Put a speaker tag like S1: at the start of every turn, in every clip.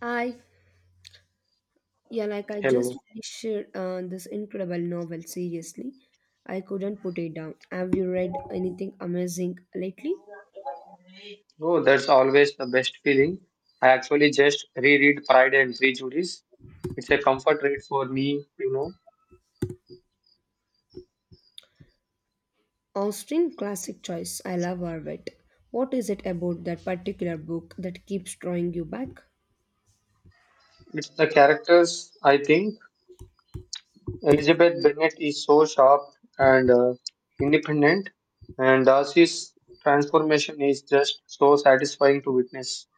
S1: I, yeah, like I just
S2: Hello.
S1: finished this incredible novel, seriously. I couldn't put it down. Have you read anything amazing lately?
S2: Oh, that's always the best feeling. I actually just reread Pride and Prejudice. It's a comfort read for me, you know.
S1: Austen, classic choice. I love Arvet. What is it about that particular book that keeps drawing you back?
S2: It's the characters, I think. Elizabeth Bennet is so sharp and independent, and Darcy's transformation is just so satisfying to witness.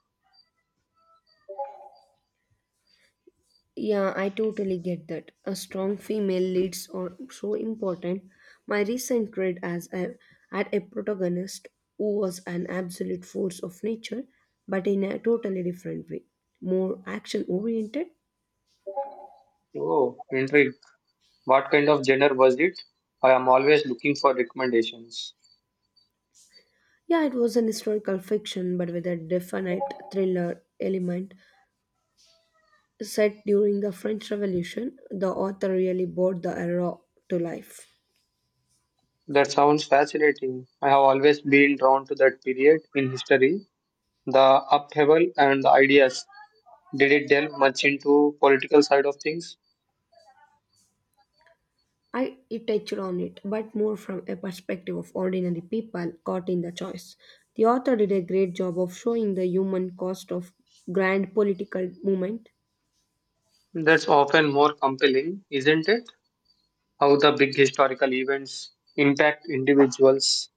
S1: Yeah, I totally get that. A strong female leads are so important. My recent read as a, had a protagonist who was an absolute force of nature, but in a totally different way, more action oriented.
S2: Oh, intrigue. What kind of genre was it? I am always looking for recommendations.
S1: Yeah, it was an historical fiction, but with a definite thriller element. Set during the French Revolution, the author really brought the era to life.
S2: That sounds fascinating. I have always been drawn to that period in history, the upheaval and the ideas. Did it delve much into political side of things?
S1: I it touched on it, but more from a perspective of ordinary people caught in the choice. The author did a great job of showing the human cost of grand political movement.
S2: That's often more compelling, isn't it? How the big historical events impact individuals.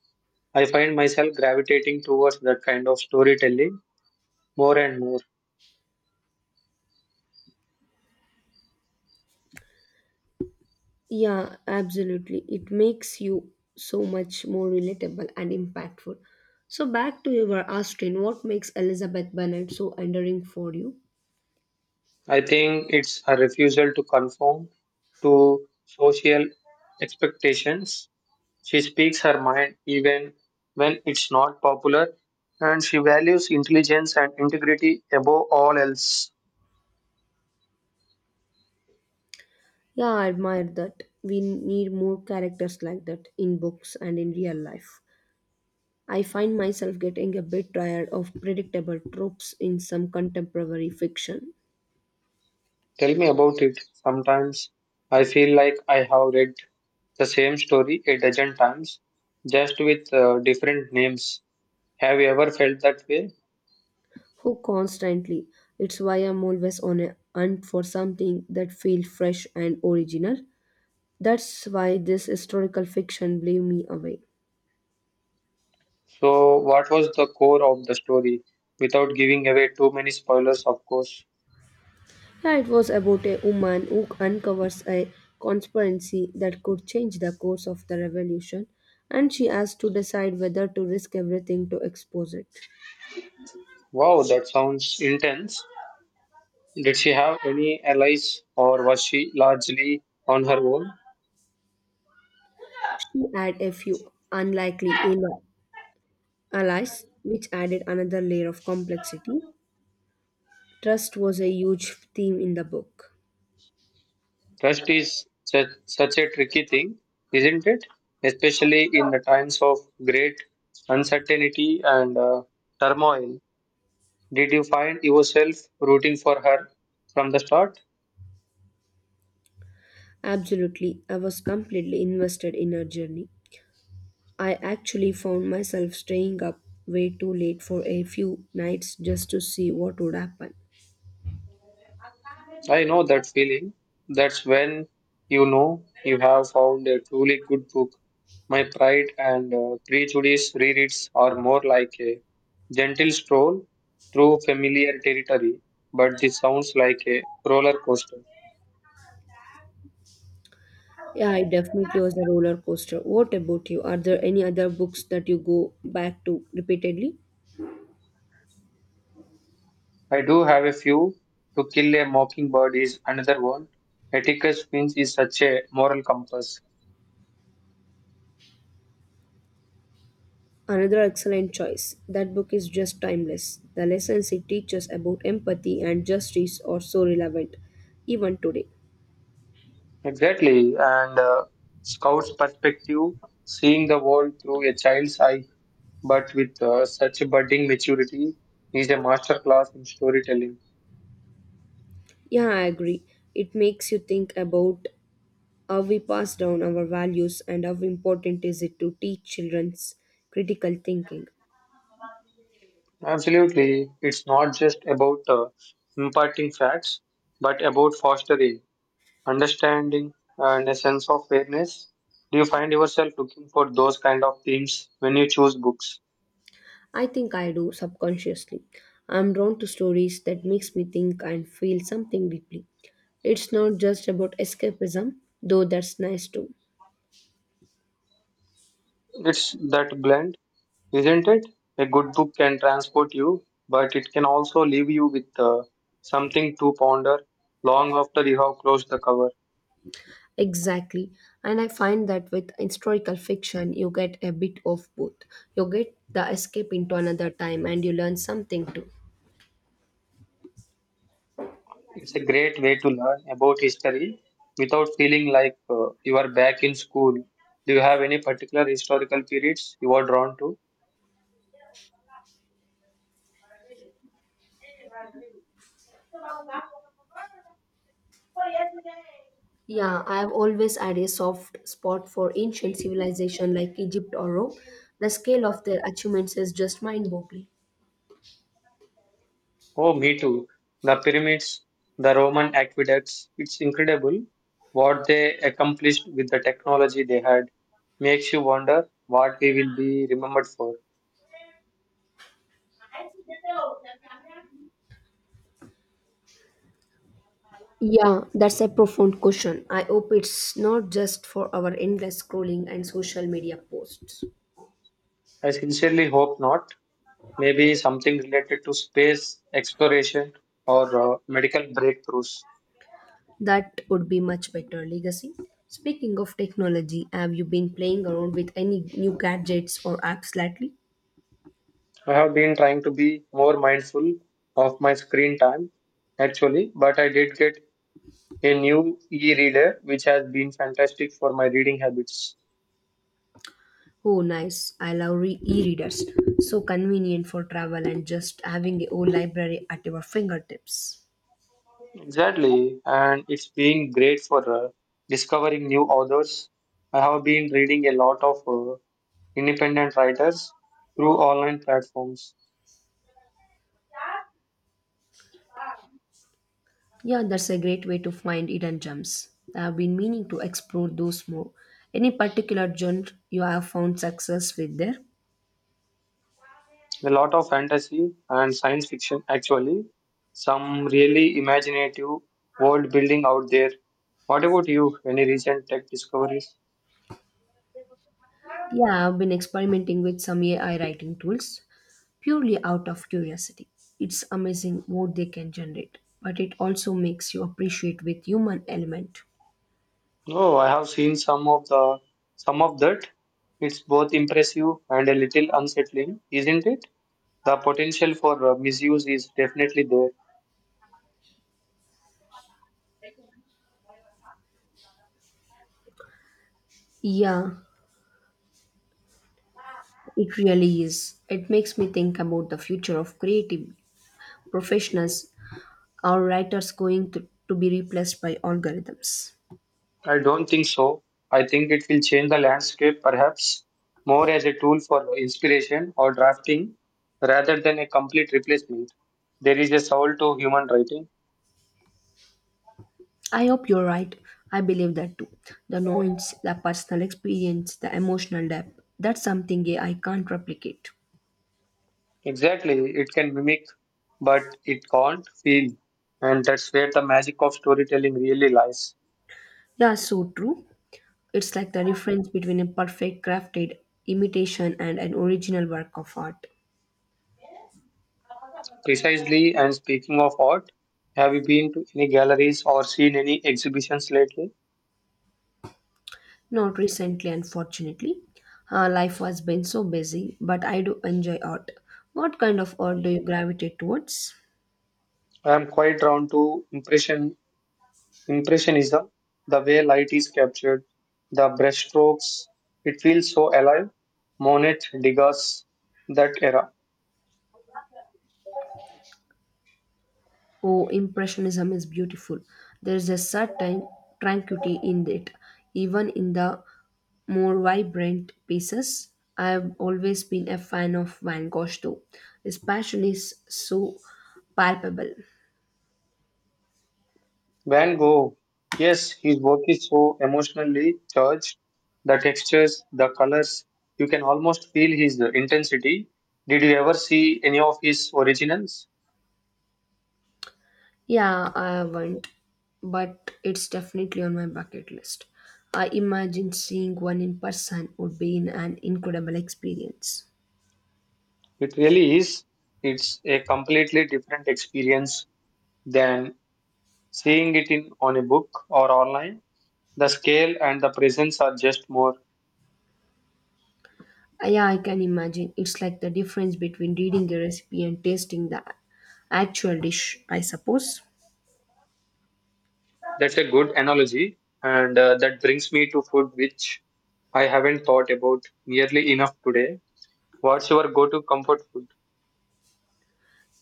S2: I find myself gravitating towards that kind of storytelling more and more.
S1: Yeah, absolutely. It makes you so much more relatable and impactful. So back to your Austen, what makes Elizabeth Bennet so endearing for you?
S2: I think it's a refusal to conform to social expectations. She speaks her mind even when it's not popular, and she values intelligence and integrity above all else.
S1: Yeah, I admire that. We need more characters like that in books and in real life. I find myself getting a bit tired of predictable tropes in some contemporary fiction.
S2: Tell me about it. Sometimes I feel like I have read the same story a dozen times, just with different names. Have you ever felt that way?
S1: Who constantly? It's why I'm always on a hunt for something that feels fresh and original. That's why this historical fiction blew me away.
S2: So, what was the core of the story? Without giving away too many spoilers, of course.
S1: Yeah, it was about a woman who uncovers a conspiracy that could change the course of the revolution, and she has to decide whether to risk everything to expose it.
S2: Wow, that sounds intense. Did she have any allies or was she largely on her own?
S1: She had a few unlikely allies, which added another layer of complexity. Trust was a huge theme in the book.
S2: Trust is such a tricky thing, isn't it? Especially in the times of great uncertainty and turmoil. Did you find yourself rooting for her from the start?
S1: Absolutely, I was completely invested in her journey. I actually found myself staying up way too late for a few nights just to see what would happen.
S2: I know that feeling. That's when you know you have found a truly good book. My Pride and Prejudice rereads are more like a gentle stroll through familiar territory, but this sounds like a roller coaster.
S1: Yeah, it definitely was a roller coaster. What about you? Are there any other books that you go back to repeatedly?
S2: I do have a few. To Kill a Mockingbird is another one. Atticus Finch is such a moral compass.
S1: Another excellent choice. That book is just timeless. The lessons it teaches about empathy and justice are so relevant, even today.
S2: Exactly, and Scout's perspective, seeing the world through a child's eye, but with such a budding maturity, is a masterclass in storytelling.
S1: Yeah, I agree. It makes you think about how we pass down our values and how important is it to teach children's critical thinking.
S2: Absolutely, it's not just about imparting facts, but about fostering understanding and a sense of fairness. Do you find yourself looking for those kind of themes when you choose books?
S1: I think I do subconsciously. I'm drawn to stories that makes me think and feel something deeply. It's not just about escapism, though that's nice too.
S2: It's that blend, isn't it? A good book can transport you, but it can also leave you with something to ponder long after you have closed the cover.
S1: Exactly. And I find that with historical fiction, you get a bit of both. You get the escape into another time and you learn something too.
S2: It's a great way to learn about history without feeling like you are back in school. Do you have any particular historical periods you are drawn to?
S1: Yeah, I have always had a soft spot for ancient civilization like Egypt or Rome. The scale of their achievements is just mind-boggling.
S2: Oh, me too. The pyramids, the Roman aqueducts. It's incredible what they accomplished with the technology they had. Makes you wonder what we will be remembered for.
S1: Yeah, that's a profound question. I hope it's not just for our endless scrolling and social media posts.
S2: I sincerely hope not. Maybe something related to space exploration or medical breakthroughs.
S1: That would be much better legacy. Speaking of technology, have you been playing around with any new gadgets or apps lately?
S2: I have been trying to be more mindful of my screen time actually, but I did get a new e reader which has been fantastic for my reading habits.
S1: Oh, nice. I love e-readers. So convenient for travel and just having a whole library at your fingertips.
S2: Exactly, and it's been great for discovering new authors. I have been reading a lot of independent writers through online platforms.
S1: Yeah, that's a great way to find hidden gems. I've been meaning to explore those more. Any particular genre you have found success with there?
S2: A lot of fantasy and science fiction, actually. Some really imaginative world building out there. What about you? Any recent tech discoveries?
S1: Yeah, I've been experimenting with some AI writing tools purely out of curiosity. It's amazing what they can generate, but it also makes you appreciate with human element.
S2: Oh, I have seen some of the some of that. It's both impressive and a little unsettling, isn't it? The potential for misuse is definitely there.
S1: Yeah, it really is. It makes me think about the future of creative professionals or writers going to be replaced by algorithms.
S2: I don't think so. I think it will change the landscape, perhaps more as a tool for inspiration or drafting rather than a complete replacement. There is a soul to human writing.
S1: I hope you're right. I believe that too. The knowledge, the personal experience, the emotional depth, that's something I can't replicate.
S2: Exactly, it can mimic, but it can't feel. And that's where the magic of storytelling really lies.
S1: Yeah, so true. It's like the difference between a perfect crafted imitation and an original work of art.
S2: Precisely, and speaking of art, have you been to any galleries or seen any exhibitions lately?
S1: Not recently, unfortunately. Life has been so busy, but I do enjoy art. What kind of art do you gravitate towards?
S2: I am quite drawn to Impressionism, the way light is captured, the brushstrokes, it feels so alive. Monet, Degas, that era.
S1: Oh, Impressionism is beautiful. There is a certain tranquility in it, even in the more vibrant pieces. I've always been a fan of Van Gogh, though. His passion is so palpable.
S2: Van Gogh, yes, his work is so emotionally charged. The textures, the colors, you can almost feel his intensity. Did you ever see any of his originals?
S1: Yeah, I haven't, but it's definitely on my bucket list. I imagine seeing one in person would be in an incredible experience.
S2: It really is. It's a completely different experience than seeing it in on a book or online. The scale and the presence are just more.
S1: Yeah, I can imagine. It's like the difference between reading a recipe and tasting the actual dish, I suppose.
S2: That's a good analogy, and that brings me to food, which I haven't thought about nearly enough today. What's your go-to comfort food?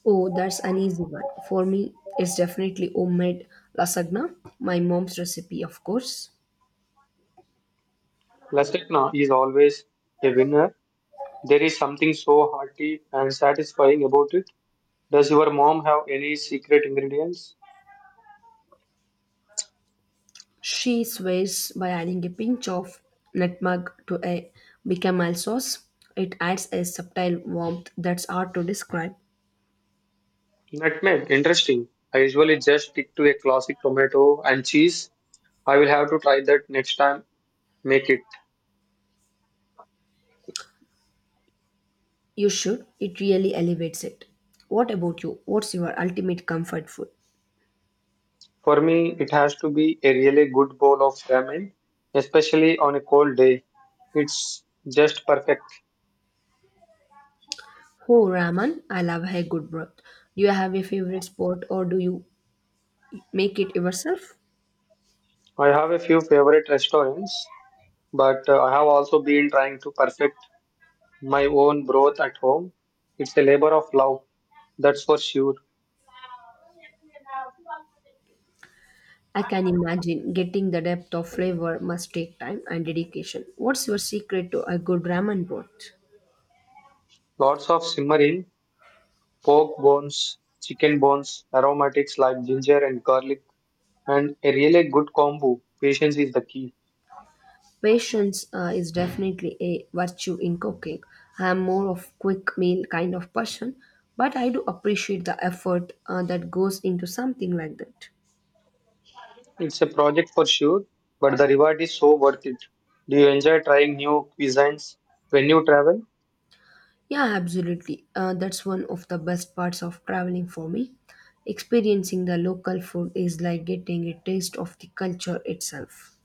S1: Oh, that's an easy one. For me, it's definitely homemade lasagna, my mom's recipe, of course.
S2: Lasagna is always a winner. There is something so hearty and satisfying about it. Does your mom have any secret ingredients?
S1: She swears by adding a pinch of nutmeg to a bechamel sauce. It adds a subtle warmth that's hard to describe.
S2: Nutmeg, interesting. I usually just stick to a classic tomato and cheese. I will have to try that next time. Make it.
S1: You should. It really elevates it. What about you? What's your ultimate comfort food?
S2: For me, it has to be a really good bowl of ramen, especially on a cold day. It's just perfect.
S1: Oh, ramen. I love a good broth. Do you have a favorite spot or do you make it yourself?
S2: I have a few favorite restaurants, but I have also been trying to perfect my own broth at home. It's a labor of love, that's for sure.
S1: I can imagine getting the depth of flavor must take time and dedication. What's your secret to a good ramen broth?
S2: Lots of simmering, pork bones, chicken bones, aromatics like ginger and garlic, and a really good combo. Patience is the key.
S1: Patience is definitely a virtue in cooking. I am more of quick meal kind of person, but I do appreciate the effort that goes into something like that.
S2: It's a project for sure, but the reward is so worth it. Do you enjoy trying new cuisines when you travel?
S1: Yeah, absolutely. That's one of the best parts of traveling for me. Experiencing the local food is like getting a taste of the culture itself.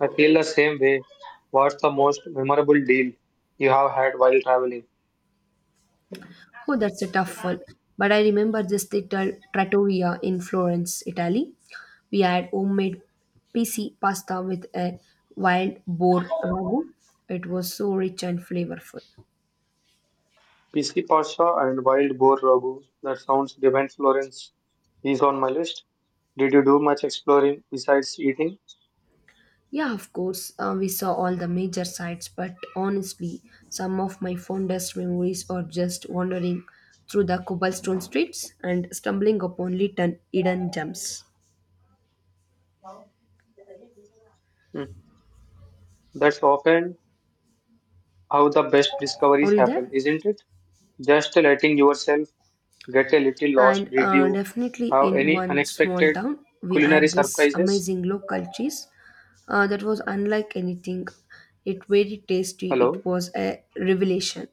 S2: I feel the same way. What's the most memorable deal you have had while traveling?
S1: Oh, that's a tough one. But I remember this little trattoria in Florence, Italy. We had homemade PC pasta with a wild boar ragu. It was so rich and flavorful.
S2: Pisi Pasha and wild boar ragu. That sounds divine. Florence is on my list. Did you do much exploring besides eating?
S1: Yeah, of course, we saw all the major sites, but honestly, some of my fondest memories are just wandering through the cobblestone streets and stumbling upon little hidden gems.
S2: Hmm. That's often how the best
S1: Are
S2: discoveries
S1: you there?
S2: happen, isn't it? Just letting yourself get a little lost?
S1: And
S2: Did you
S1: Definitely
S2: have
S1: in
S2: any
S1: one small
S2: unexpected
S1: town we
S2: culinary
S1: had this
S2: surprises?
S1: amazing local cheese that was unlike anything, it very tasty, it
S2: Hello.
S1: was a revelation.